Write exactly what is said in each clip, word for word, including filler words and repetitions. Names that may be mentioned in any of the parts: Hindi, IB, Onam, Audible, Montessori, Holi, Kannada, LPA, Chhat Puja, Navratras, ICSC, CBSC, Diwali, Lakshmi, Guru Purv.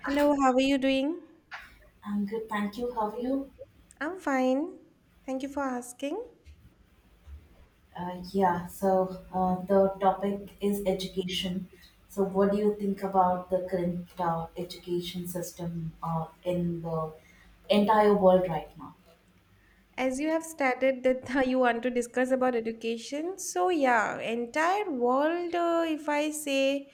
Hello, how are you doing? I'm good, thank you. How are you? I'm fine. Thank you for asking. Uh, yeah, so uh, the topic is education. So, what do you think about the current uh, education system uh, in the entire world right now? As you have started that you want to discuss about education, so yeah, entire world, uh, if I say,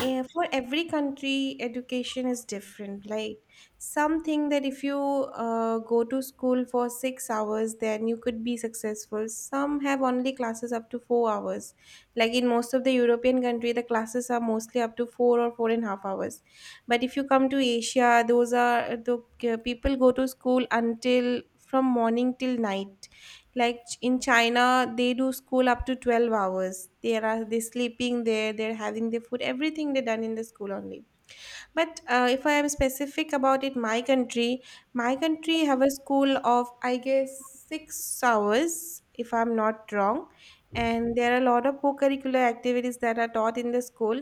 eh, for every country, education is different. Like something that if you uh, go to school for six hours, then you could be successful. Some have only classes up to four hours. Like in most of the European country, the classes are mostly up to four or four and a half hours, but if you come to asia, those are the uh, people go to school until from morning till night, like ch- in china they do school up to twelve hours. They are they sleeping there, they're having their food, everything they done in the school only. But uh, if I am specific about it, my country, my country have a school of I guess six hours, if I'm not wrong, and there are a lot of co-curricular activities that are taught in the school,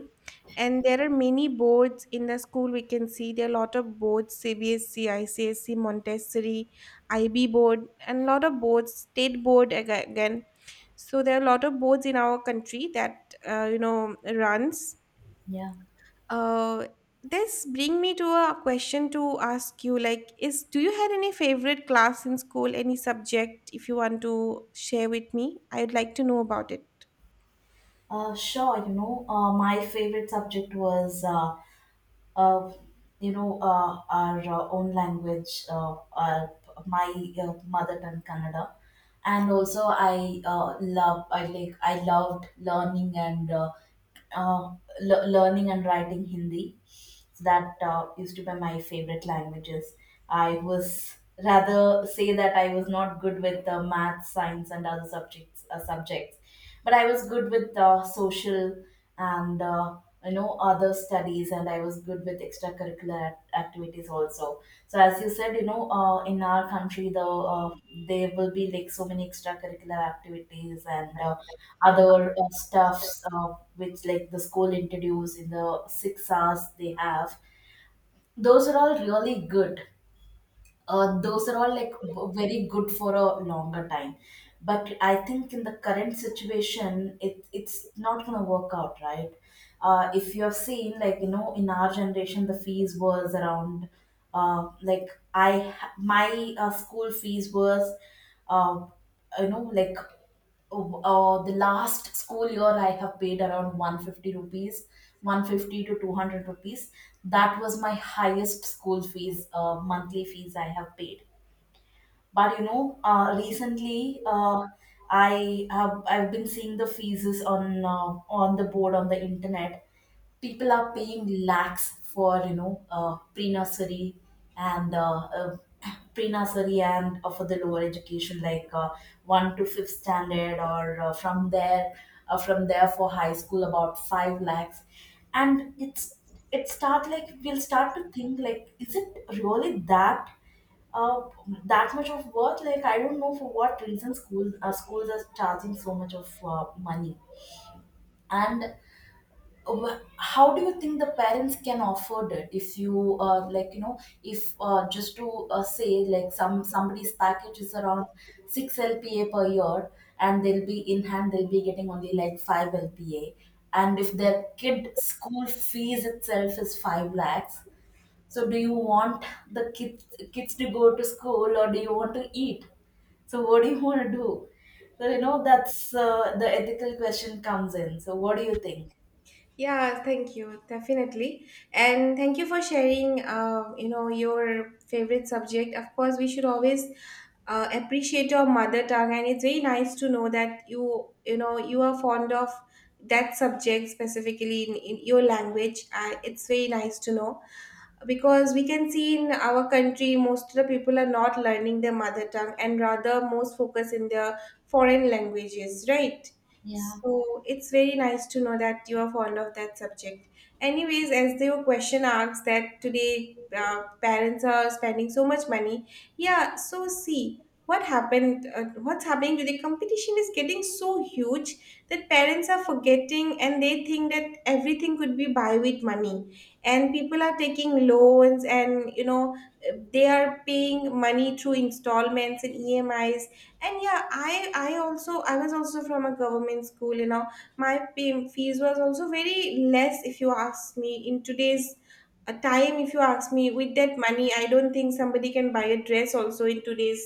and there are many boards in the school. We can see there are a lot of boards: C B S C, I C S C, Montessori, I B board, and a lot of boards, state board aga- again. So there are a lot of boards in our country that uh, you know runs. Yeah, uh, this bring me to a question to ask you, like, is do you had any favorite class in school, any subject, if you want to share with me, I would like to know about it. uh, sure. You know, uh, my favorite subject was uh, uh, you know, uh, our uh, own language, uh, our, my uh, mother tongue, Kannada. And also, I uh, love, I like, I loved learning and uh, uh, le- learning and writing Hindi. So that uh, used to be my favorite languages. I was Rather say that I was not good with uh, math, science, and other subjects. Uh, subjects, but I was good with uh, social and uh, you know, other studies, and I was good with with extracurricular act- activities also. So as you said, you know, uh, in our country the uh, there will be like so many extracurricular activities and uh, other uh, stuffs, uh, which like the school introduce in the six hours they have. Those are all really good. Uh, those are all like b- very good for a longer time, but I think in the current situation it it's not going to work out, right? Uh, if you have seen, like, you know, in our generation the fees was around, uh, like i ha- my uh, school fees was, uh, you know like uh, uh, the last school year I have paid around one hundred fifty rupees, one hundred fifty to two hundred rupees. That was my highest school fees, uh, monthly fees I have paid. But you know, uh, recently uh, I have I've been seeing the fees on uh, on the board, on the internet. People are paying lakhs for, you know, uh, pre-nursery and uh, uh, pre-nursery and uh, for the lower education like uh, one to fifth standard, or uh, from there uh, from there for high school about five lakhs, and it's it start like, we'll start to think, like, is it really that uh, that much of worth? Like, I don't know for what reason schools uh, schools are charging so much of uh, money, and wh- how do you think the parents can afford it? If you, uh, like, you know, if uh, just to uh, say, like, some somebody's package is around six L P A per year, and they'll be in hand, they'll be getting only like five L P A, and if their kid school fees itself is five lakhs, so do you want the kids kids to go to school, or do you want to eat? So what do you want to do? So you know, that's uh, the ethical question comes in. So what do you think? Yeah, thank you, definitely. And thank you for sharing, uh, you know, your favorite subject. Of course, we should always uh, appreciate your mother tongue, and it's very nice to know that you, you know, you are fond of that subject specifically in, in your language. Uh, it's very nice to know, because we can see in our country most of the people are not learning their mother tongue and rather most focus in their foreign languages, right? Yeah, So it's very nice to know that you are fond of that subject. Anyways, as the question asks that today uh, parents are spending so much money. Yeah, so see what happened, uh, what's happening to the competition is getting so huge that parents are forgetting and they think that everything could be buy with money, and people are taking loans and, you know, they are paying money through installments and emis. And yeah, i i also i was also from a government school, you know. My pay, fees was also very less. If you ask me in today's uh, time, if you ask me with that money, I don't think somebody can buy a dress also in today's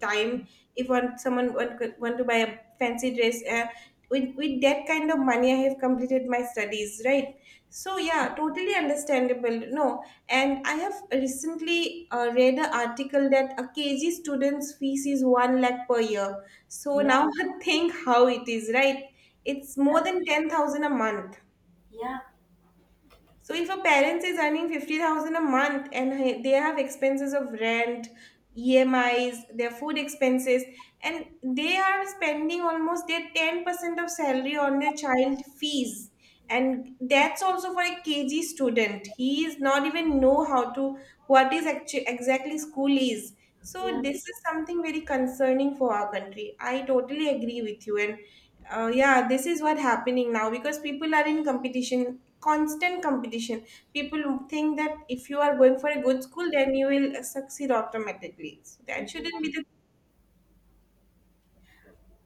time. If one someone want, want to buy a fancy dress, uh, with with that kind of money I have completed my studies, right? So yeah, totally understandable, no. And I have recently uh, read an article that a kg student's fees is one lakh per year. So yeah, now think how it is, right? It's more than ten thousand a month. yeah, So if a parent is earning fifty thousand a month and he- they have expenses of rent, E M Is, their food expenses, and they are spending almost their ten percent of salary on their child fees. And that's also for a K G student. He is not even know how to what is actu- exactly school is. So yeah. this is something very concerning for our country. I totally agree with you, and uh, yeah, this is what happening now because people are in competition, constant competition. People think that if you are going for a good school, then you will uh, succeed automatically. So that shouldn't be the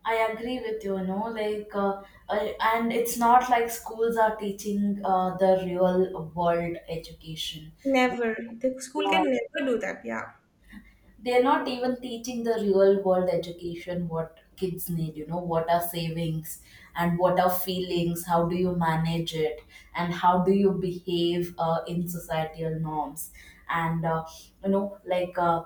I agree with you, you know, like, uh, I, and it's not like schools are teaching uh, the real world education. What? never. The school can uh, never do that. Yeah. they're not even teaching the real world education what kids need. You know, what are savings, and what are feelings? How do you manage it, and how do you behave uh, in societal norms, and uh, you know like uh,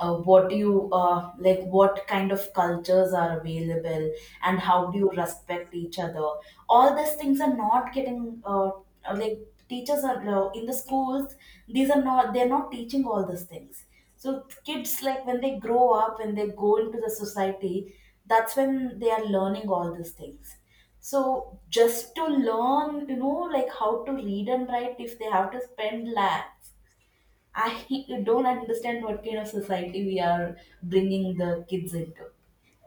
uh, what you uh, like what kind of cultures are available, and how do you respect each other? All these things are not getting, uh, uh, like, teachers are uh, in the schools, these are not they're not teaching all these things. So kids, like, when they grow up, when they go into the society, that's when they are learning all these things. So just to learn, you know, like, how to read and write, if they have to spend lakhs, I don't understand what kind of society we are bringing the kids into.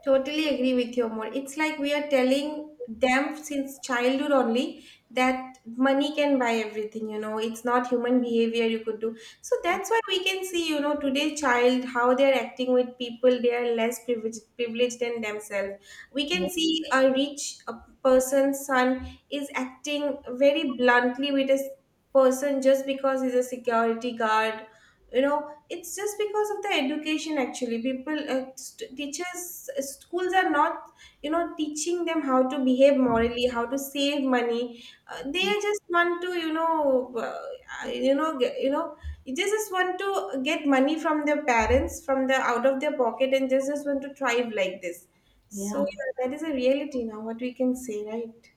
Totally agree with you more. It's like we are telling them since childhood only that money can buy everything, you know, it's not human behavior you could do. So that's why we can see, you know, today child how they're acting with people, they are less privileged privileged than themselves. We Yeah. can see a rich uh, person's son is acting very bluntly with a s- person just because he's a security guard. You know, it's just because of the education. Actually people uh, st- teachers uh, schools are not, you know, teaching them how to behave morally, how to save money. Uh, they just want to, you know, uh, uh, you know get, you know, they just want to get money from their parents, from the out of their pocket, and just just want to thrive like this. So Yeah. yeah, that is a reality now, what we can say, right?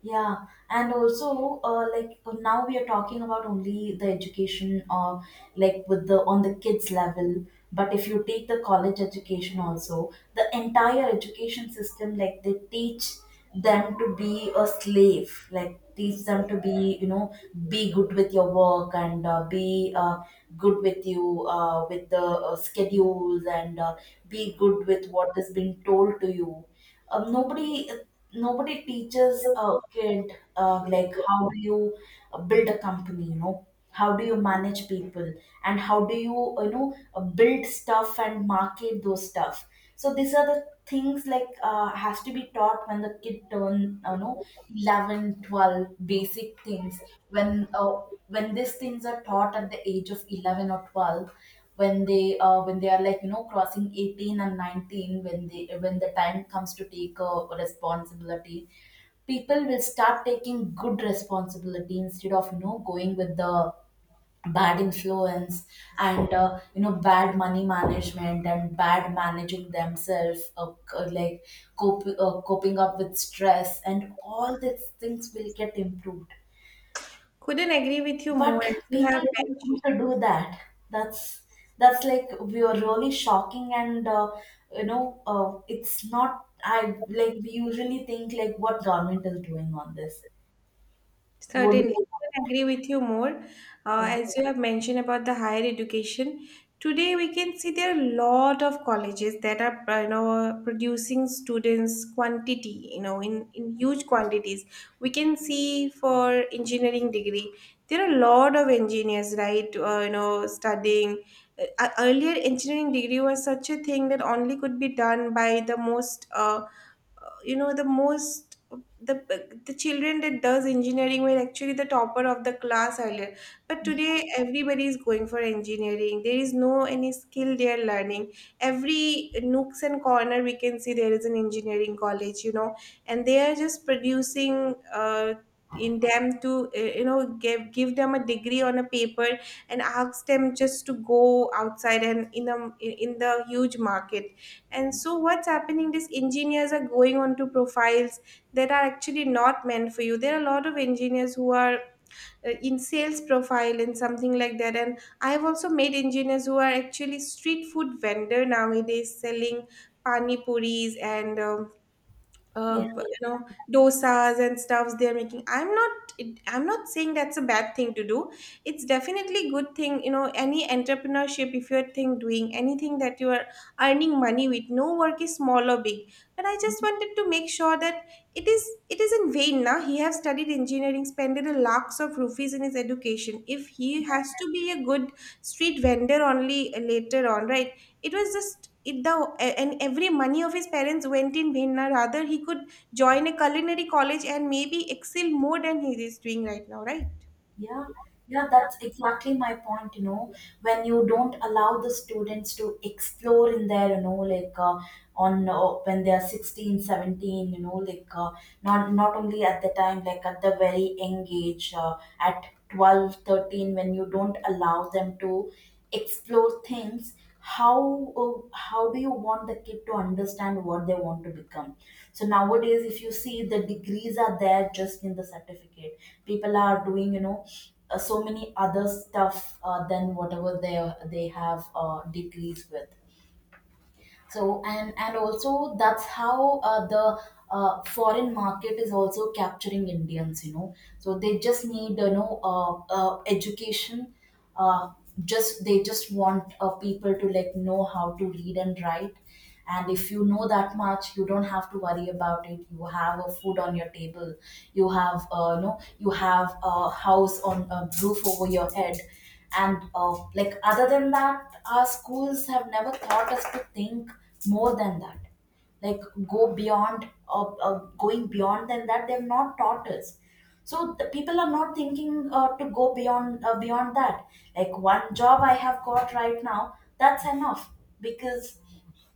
Yeah, and also, uh, like uh, now we are talking about only the education, or like, with the on the kids level. But if you take the college education also, the entire education system, like, they teach them to be a slave, like, teach them to be, you know, be good with your work, and uh, be uh, good with you uh, with the uh, schedules, and uh, be good with what is being told to you. Um, nobody nobody teaches a kid, uh, like, how do you uh, build a company, you know, how do you manage people, and how do you, you know, uh, build stuff and market those stuff? So these are the things, like, uh, has to be taught when the kid turn, you know, eleven, twelve, basic things. when uh, when these things are taught at the age of eleven or twelve, when they uh, when they are, like, you know, crossing eighteen and nineteen, when they when the time comes to take a responsibility, people will start taking good responsibility instead of, you know, going with the bad influence, and uh, you know, bad money management, and bad managing themselves, uh, c- like cope, uh, coping up with stress, and all these things will get improved. Couldn't agree with you more, But as you people have don't mentioned. want to do that. That's that's like, we are really shocking, and uh, you know, uh, it's not. I Like, we usually think, like, what government is doing on this? What do Certainly, they want? I agree with you more. Uh, Yeah. as you have mentioned about the higher education, today we can see there are a lot of colleges that are, uh, you know, producing students quantity, you know, in, in huge quantities. We can see for engineering degree, there are a lot of engineers, right, uh, you know, studying. Uh, uh, earlier, engineering degree was such a thing that only could be done by the most uh, uh, you know, the most the the children that does engineering were actually the topper of the class earlier, but today everybody is going for engineering. There is no any skill they are learning. Every nooks and corner we can see there is an engineering college, you know, and they are just producing uh, in them to, uh, you know, give give them a degree on a paper and ask them just to go outside and in a in the huge market. And so, what's happening is engineers are going onto profiles that are actually not meant for you. There are a lot of engineers who are uh, in sales profile and something like that. And I have also met engineers who are actually street food vendor nowadays, selling pani puris and um, Yeah. uh, you know, dosas and stuffs they're making. I'm not it, I'm not saying that's a bad thing to do. It's definitely good thing, you know. Any entrepreneurship, if you're thing doing anything that you are earning money, with no work is small or big, but I just wanted to make sure that it is it is in vain now. He have studied engineering, spent a lakhs of rupees in his education, if he has to be a good street vendor only later on, right? It was just it the and every money of his parents went in bhinna, rather he could join a culinary college and maybe excel more than he is doing right now, right? Yeah, yeah, that's exactly my point, you know, when you don't allow the students to explore in there, you know, like uh, on uh, when they are sixteen, seventeen, you know, like uh, not not only at the time, like, at the very young age, uh, at twelve, thirteen, when you don't allow them to explore things, how uh, how do you want the kid to understand what they want to become? So nowadays if you see, the degrees are there just in the certificate. People are doing, you know, uh, so many other stuff uh, than whatever they they have uh, degrees with. So and and also, that's how uh, the uh, foreign market is also capturing Indians, you know. So they just need, you know, uh, uh, education. uh, just they just want uh, people to, like, know how to read and write, and if you know that much, you don't have to worry about it. You have a food on your table, you have, uh, you know you have a house, on a roof over your head. And uh, like, other than that, our schools have never taught us to think more than that. Like, go beyond uh, uh, going beyond than that, they've not taught us. So the people are not thinking, uh, to go beyond, uh, beyond that. Like, one job I have got right now, that's enough, because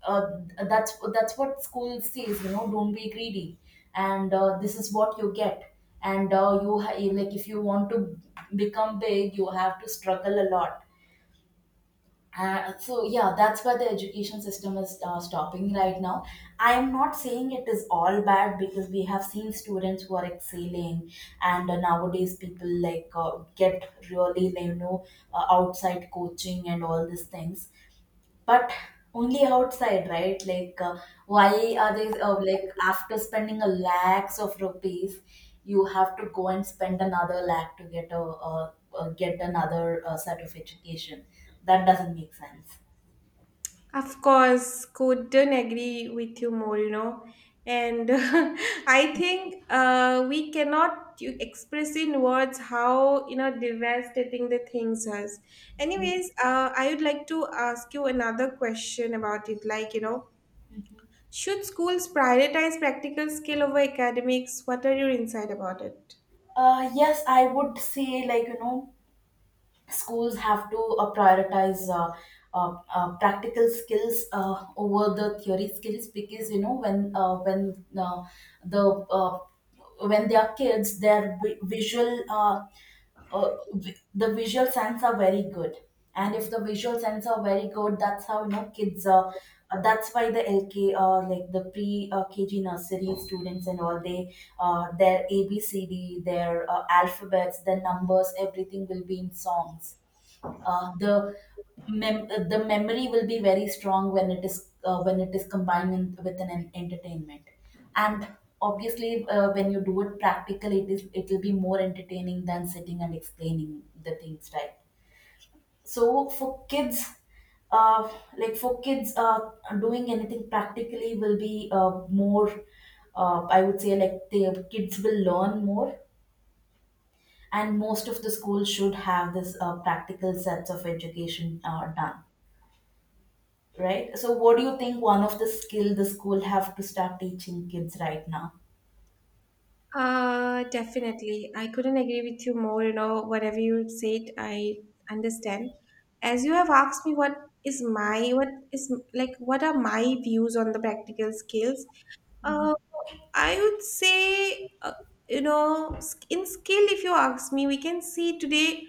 uh, that's that's what school says, you know, don't be greedy. And uh, this is what you get. And uh, you ha- you- like, if you want to become big, you have to struggle a lot. Uh, so yeah, that's where the education system is uh, stopping right now. I am not saying it is all bad, because we have seen students who are excelling. And uh, nowadays people, like, uh, get really, you know, uh, outside coaching and all these things. But only outside, right? Like uh, why are they, uh, like, after spending a lakhs of rupees, you have to go and spend another lakh to get a uh, uh, get another uh, set of education? That doesn't make sense. Of course, couldn't agree with you more, you know. And I think uh, we cannot you- express in words how, you know, devastating the things are. Anyways, uh, I would like to ask you another question about it. Like, you know, should schools prioritize practical skill over academics? What are your insight about it? Uh, yes, I would say, like, you know, schools have to uh, prioritize uh, uh, uh, practical skills uh, over the theory skills, because you know, when uh, when uh, the uh, when they are kids, their vi- visual, uh, uh, vi- the visual sense are very good. And if the visual sense are very good, that's how, you know, kids are uh, that's why the lk uh, like, the pre, uh, kg nursery students and all, they, uh, their abcd, their uh, alphabets, their numbers, everything will be in songs. uh, the mem- uh, the memory will be very strong when it is uh, when it is combined in, with an, en- entertainment. And obviously uh, when you do it practically, it is it will be more entertaining than sitting and explaining the things, right? So for kids uh, like, for kids, uh, doing anything practically will be, uh, more uh, I would say, like, the kids will learn more. And most of the schools should have this uh, practical sets of education uh, done. Right? So what do you think, one of the skill the school have to start teaching kids right now? Uh, definitely, I couldn't agree with you more. You know, whatever you said, I understand. As you have asked me, what is my, what is like, what are my views on the practical skills? Uh, Mhm. I would say, uh, you know, sk- in skill, if you ask me, we can see today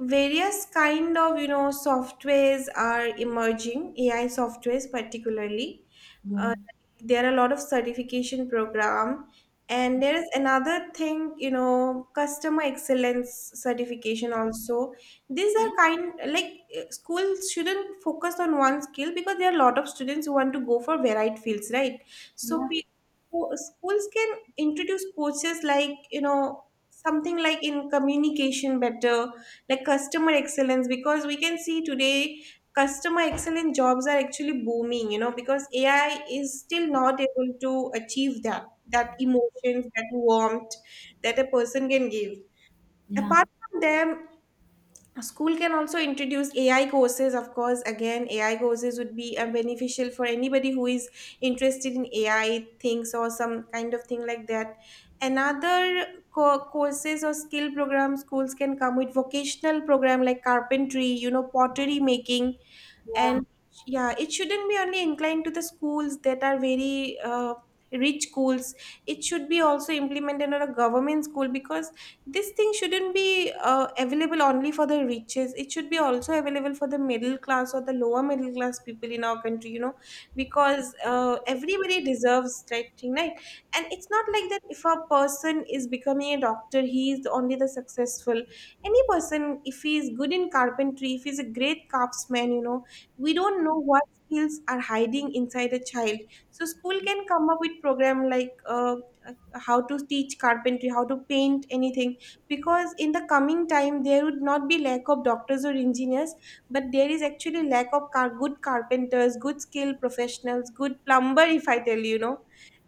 various kind of, you know, softwares are emerging, ai softwares particularly. Yeah. Uh, there are a lot of certification program, and there is another thing, you know, customer excellence certification also. These are Yeah, kind like, uh, schools shouldn't focus on one skill because there are a lot of students who want to go for varied fields, right? So yeah, pe- who- schools can introduce courses like, you know, something like in communication better, like customer excellence, because we can see today customer excellent jobs are actually booming, you know, because ai is still not able to achieve that, that emotions, that warmth that a person can give. Apart from them, a school can also introduce ai courses. Of course, again, ai courses would be uh, beneficial for anybody who is interested in ai things or some kind of thing like that. Another co- courses or skill program, schools can come with vocational program like carpentry, you know, pottery making, yeah, and yeah, it shouldn't be only inclined to the schools that are very uh, rich schools. It should be also implemented on a government school because this thing shouldn't be uh, available only for the riches. It should be also available for the middle class or the lower middle class people in our country, you know, because uh, everybody deserves that thing, right? And it's not like that if a person is becoming a doctor, he is only the successful. Any person, if he is good in carpentry, if he's a great craftsman, you know, we don't know what skills are hiding inside a child. So school can come up with program like, uh, how to teach carpentry, how to paint anything, because in the coming time there would not be lack of doctors or engineers. But there is actually lack of car- good carpenters, good skilled professionals, good plumber, if I tell you, you know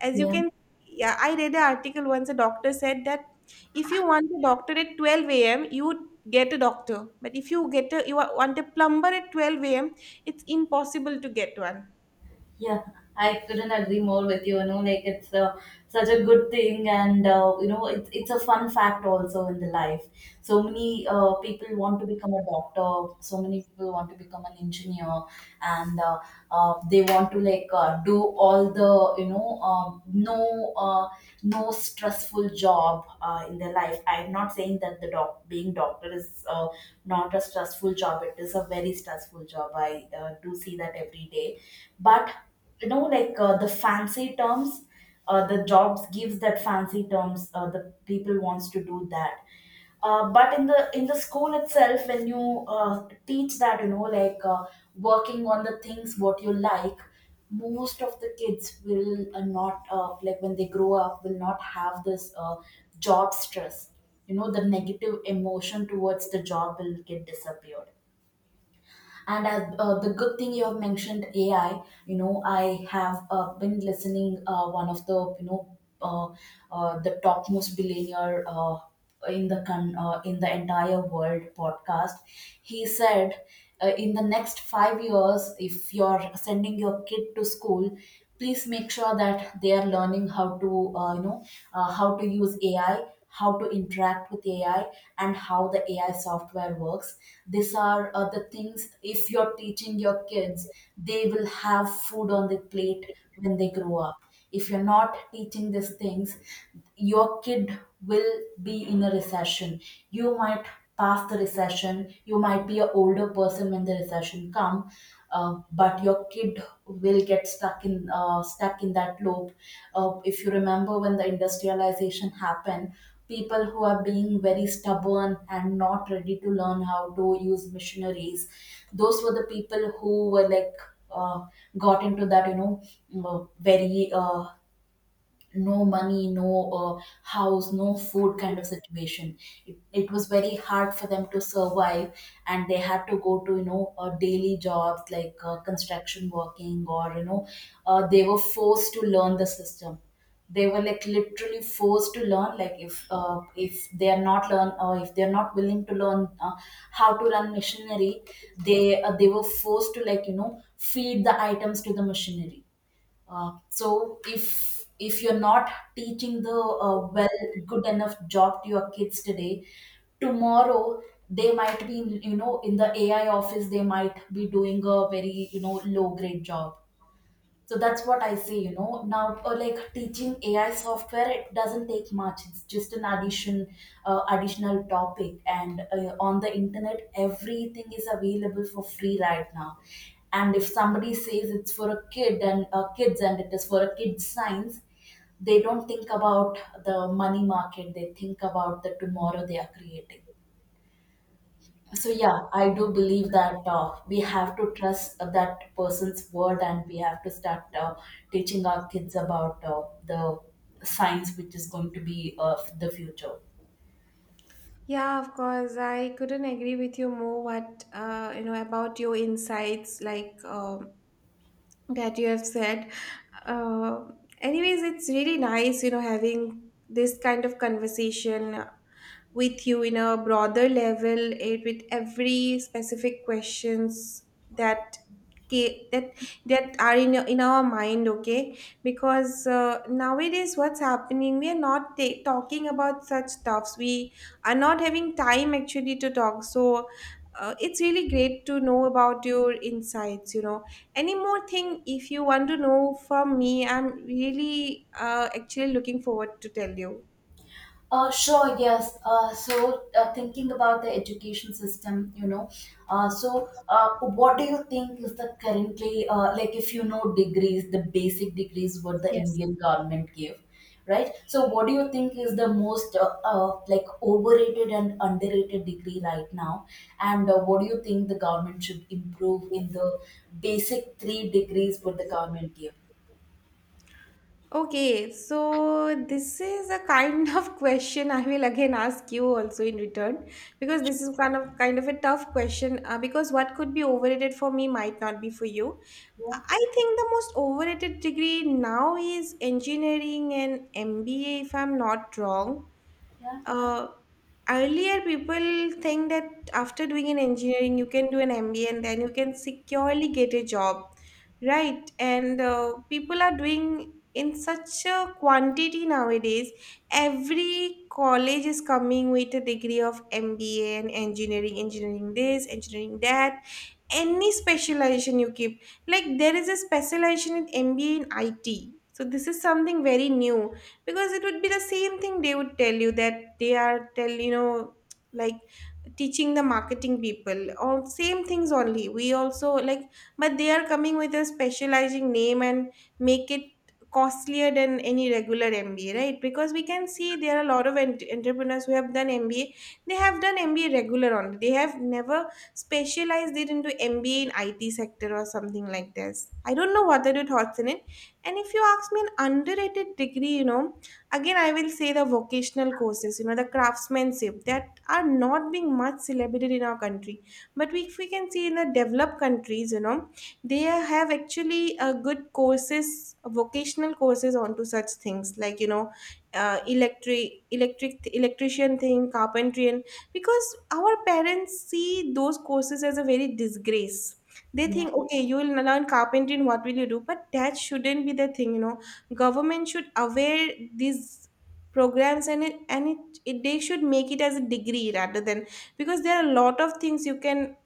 as you yeah. can Yeah, I read an article once. A doctor said that if you want a doctor at twelve a.m, you would get a doctor, but if you get a you wa- want a plumber at twelve a.m, it's impossible to get one. Yeah, I couldn't agree more with you. You know, like, it's uh, such a good thing, and uh, you know, it's it's a fun fact also in the life. So many uh, people want to become a doctor. So many people want to become an engineer, and uh, uh, they want to, like, uh, do all the, you know, um, no uh, no stressful job uh, in their life. I'm not saying that the doc being doctor is uh, not a stressful job. It is a very stressful job. I uh, do see that every day, but you know, like, uh, the fancy terms, uh, the jobs gives that fancy terms, uh, the people wants to do that, uh, but in the in the school itself. When you uh, teach that, you know like, uh, working on the things what you like, most of the kids will uh, not, uh, like, when they grow up, will not have this uh, job stress. You know, the negative emotion towards the job will get disappeared. And as, uh, the good thing you have mentioned, A I. You know, I have uh, been listening, uh, one of the, you know uh, uh, the topmost billionaire, uh, in the con- uh, in the entire world podcast. He said, uh, in the next five years, if you're sending your kid to school, please make sure that they are learning how to uh, you know uh, how to use A I, how to interact with A I, and how the A I software works. These are uh, the things. If you're teaching your kids, they will have food on their plate when they grow up. If you're not teaching these things, your kid will be in a recession. You might pass the recession. You might be an older person when the recession come, uh, but your kid will get stuck in uh, stuck in that loop. Uh, if you remember when the industrialization happened, people who are being very stubborn and not ready to learn how to use machineries, those were the people who were like, uh, got into that, you know uh, very, uh, no money, no uh, house, no food kind of situation. It, it was very hard for them to survive, and they had to go to, you know, uh, daily jobs like uh, construction working, or you know, uh, they were forced to learn the system. They were like literally forced to learn. Like, if uh, if they are not learn, or if they are not willing to learn uh, how to run machinery, they uh, they were forced to, like, you know, feed the items to the machinery. Uh, so if if you're not teaching the uh, well good enough job to your kids today, tomorrow they might be, you know, in the A I office, they might be doing a very, you know, low grade job. So that's what I say, you know. Now, uh, like teaching A I software, it doesn't take much. It's just an addition, uh, additional topic. And uh, on the internet, everything is available for free right now. And if somebody says it's for a kid, and uh, kids, and it is for a kid's science, they don't think about the money market. They think about the tomorrow they are creating. So yeah, I do believe that uh, we have to trust uh, that person's word, and we have to start uh, teaching our kids about uh, the science which is going to be of the future. Yeah, of course. I couldn't agree with you more what uh, you know about your insights like um, that you have said. Uh, Anyways, it's really nice, you know, having this kind of conversation with you in a broader level, it with every specific questions that ca- that that are in your- in our mind, okay? Because uh, nowadays what's happening, we are not ta- talking about such stuffs, we are not having time actually to talk. So uh, it's really great to know about your insights, you know. Any more thing if you want to know from me, I'm really uh, actually looking forward to tell you. Uh, sure, yes. Uh, so, uh, thinking about the education system, you know, uh, so uh, what do you think is the currently, uh, like, if you know degrees, the basic degrees what the Yes. Indian government gave, right? So, what do you think is the most uh, uh, like overrated and underrated degree right now? And uh, what do you think the government should improve in the basic three degrees what the government gave? Okay, so this is a kind of question I will again ask you also in return, because this is kind of kind of a tough question, uh, because what could be overrated for me might not be for you. Yeah, I I think the most overrated degree now is engineering and M B A, if I'm not wrong. yeah, uh, Earlier people think that after doing an engineering you can do an MBA and then you can securely get a job, right? And uh, people are doing in such a quantity nowadays. Every college is coming with a degree of MBA and engineering, engineering this engineering that, any specialization you keep. Like there is a specialization in MBA in it, so this is something very new. Because it would be the same thing, they would tell you that they are tell you know, like teaching the marketing people or same things only we also, like, but they are coming with a specializing name and make it costlier than any regular MBA, right? Because we can see there are a lot of ent- entrepreneurs who have done MBA. They have done MBA regular only, they have never specialized it into MBA in IT sector or something like this. I don't know what are your thoughts in it. And if you ask me an underrated degree, you know, again I will say the vocational courses, you know, the craftsmanship that are not being much celebrated in our country. But we, if we can see in the developed countries, you know, they have actually uh, good courses, vocational courses onto such things like, you know, uh, electric electric electrician thing, carpentry, and because our parents see those courses as a very disgrace. They yeah. think, okay, you will learn carpentry and what will you do, but that shouldn't be the thing, you know. Government should aware these programs, and it, and it, it they should make it as a degree rather than, because there are a lot of things you can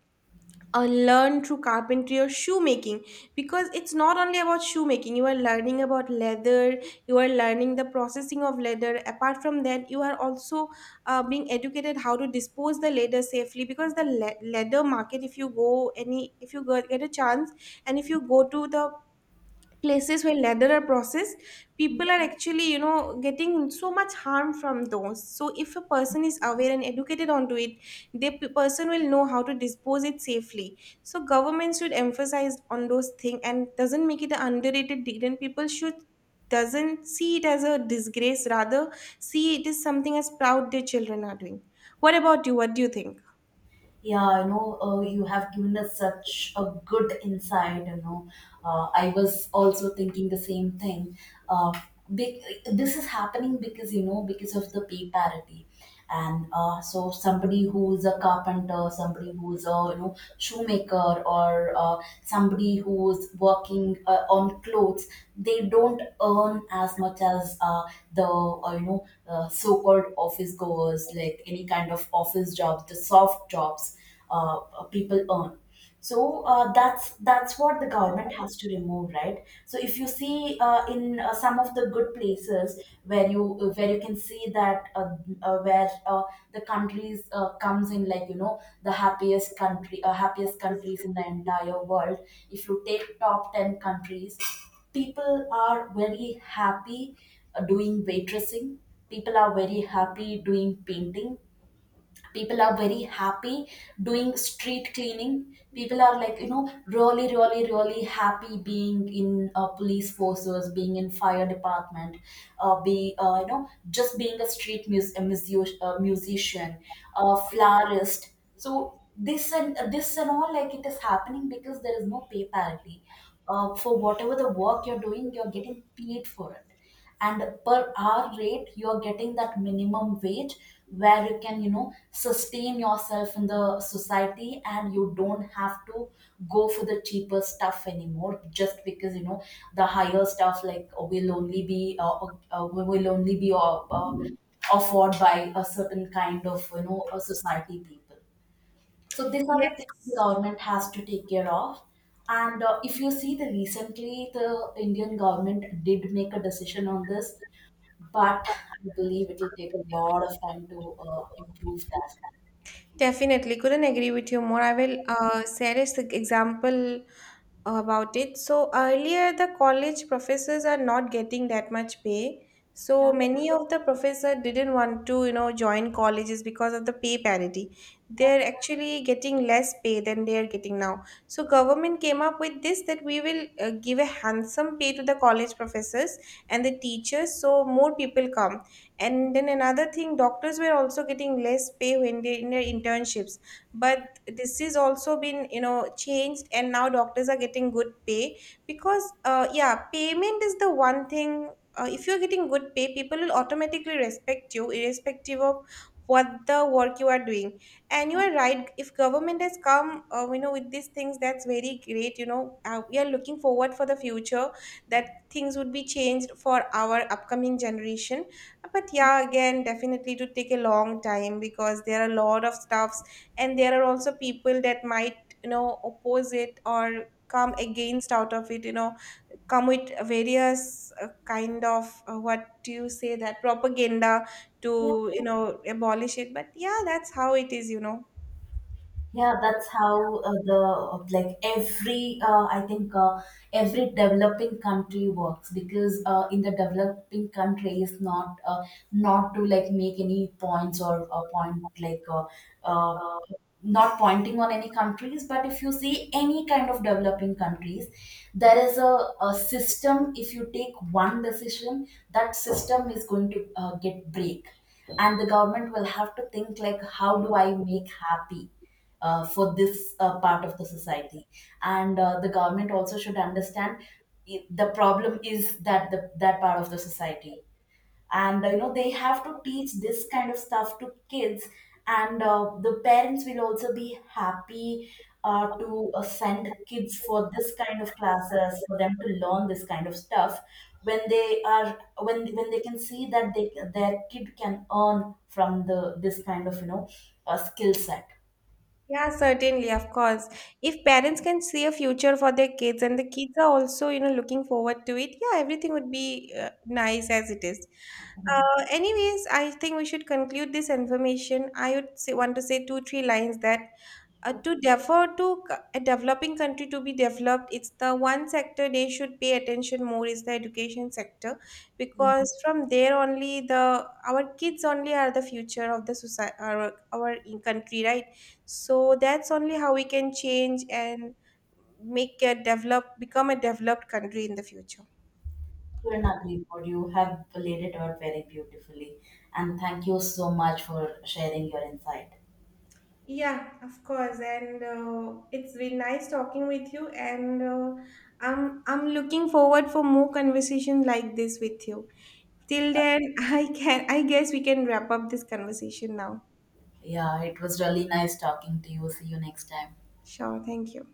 uh, learn through carpentry or shoemaking. Because it's not only about shoemaking, you are learning about leather, you are learning the processing of leather. Apart from that, you are also uh, being educated how to dispose the leather safely. Because the le- leather market, if you go any, if you go, get a chance, and if you go to the places where leather are processed, people are actually, you know, getting so much harm from those. So if a person is aware and educated onto it, the p- person will know how to dispose it safely. So government should emphasize on those things and doesn't make it an underrated deed, and people should doesn't see it as a disgrace, rather see it as something as proud their children are doing. What about you, what do you think? Yeah, you know, uh, you have given us such a good insight. You know, uh, I was also thinking the same thing. Uh, be- this is happening because, you know, because of the pay parity. And uh, so somebody who's a carpenter, somebody who's a, you know shoemaker, or uh, somebody who's working uh, on clothes, they don't earn as much as uh, the uh, you know uh, so-called office goers, like any kind of office jobs, the soft jobs, uh, uh, people earn. So uh, that's that's what the government has to remove, right? So if you see uh, in, uh, some of the good places, where you uh, where you can see that, uh, uh, where uh, the countries uh, comes in, like, you know, the happiest country uh, happiest countries in the entire world, if you take top ten countries, people are very happy uh, doing waitressing, people are very happy doing painting, people are very happy doing street cleaning. People are, like, you know, really, really, really happy being in uh, police forces, being in fire department, uh, be uh, you know just being a street mus- a musi- a musician, a florist. So this and this and all, like, it is happening because there is no pay parity. Uh, for whatever the work you're doing, you're getting paid for it, and per hour rate you are getting that minimum wage, where you can, you know, sustain yourself in the society, and you don't have to go for the cheaper stuff anymore, just because, you know, the higher stuff, like, will only be uh, uh, will only be uh, uh, afforded by a certain kind of, you know, a society people. So these are the things the Yes. government has to take care of. And uh, if you see, the recently, the Indian government did make a decision on this, but I believe it will take a lot of time to uh, improve that. Definitely, couldn't agree with you more. I will uh, share this example about it. So earlier, the college professors are not getting that much pay. So Yeah. many of the professor didn't want to, you know, join colleges because of the pay parity. Yeah, They're actually getting less pay than they are getting now. So government came up with this that we will uh, give a handsome pay to the college professors and the teachers, so more people come. And then another thing, doctors were also getting less pay when they in their internships, but this is also been, you know, changed, and now doctors are getting good pay. Because uh, yeah, payment is the one thing, uh, if you're getting good pay, people will automatically respect you irrespective of what the work you are doing. And you are right, if government has come uh, you know with these things, that's very great, you know. Uh, we are looking forward for the future, that things would be changed for our upcoming generation. But yeah, again, definitely to take a long time, because there are a lot of stuffs, and there are also people that might, you know, oppose it or come against out of it, you know, come with various uh, kind of uh, what do you say, that propaganda yeah, to, you know, abolish it. But yeah, that's how it is, you know. yeah. That's how uh, the like every uh, I think uh, every developing country works. Because uh, in the developing country is not uh, not to, like, make any points, or uh, point, like, uh, uh, not pointing on any countries. But if you see any kind of developing countries, there is a, a system. If you take one decision, that system is going to uh, get break, and the government will have to think like, how do I make happy uh, for this uh, part of the society? And uh, the government also should understand, i- the problem is that the, that part of the society. And uh, you know, they have to teach this kind of stuff to kids. And uh, the parents will also be happy uh, to uh, send kids for this kind of classes for them to learn this kind of stuff when they are when when they can see that they their kid can earn from the this kind of, you know, uh, skill set. Yeah, certainly, of course. If parents can see a future for their kids and the kids are also, you know, looking forward to it, yeah, everything would be uh, nice as it is. Uh, anyways, I think we should conclude this information. I would say, want to say two, three lines that uh, to defer to c- a developing country to be developed, it's the one sector they should pay attention more is the education sector. Because from there only, the our kids only are the future of the society, our, our in- country, right? So that's only how we can change and make a develop become a developed country in the future. I couldn't agree more. You have laid it out very beautifully, and thank you so much for sharing your insight. Yeah, of course. And uh, it's been nice talking with you, and uh, i'm i'm looking forward for more conversation like this with you. Till then, i can i guess we can wrap up this conversation now. Yeah, it was really nice talking to you. See you next time. Sure, thank you.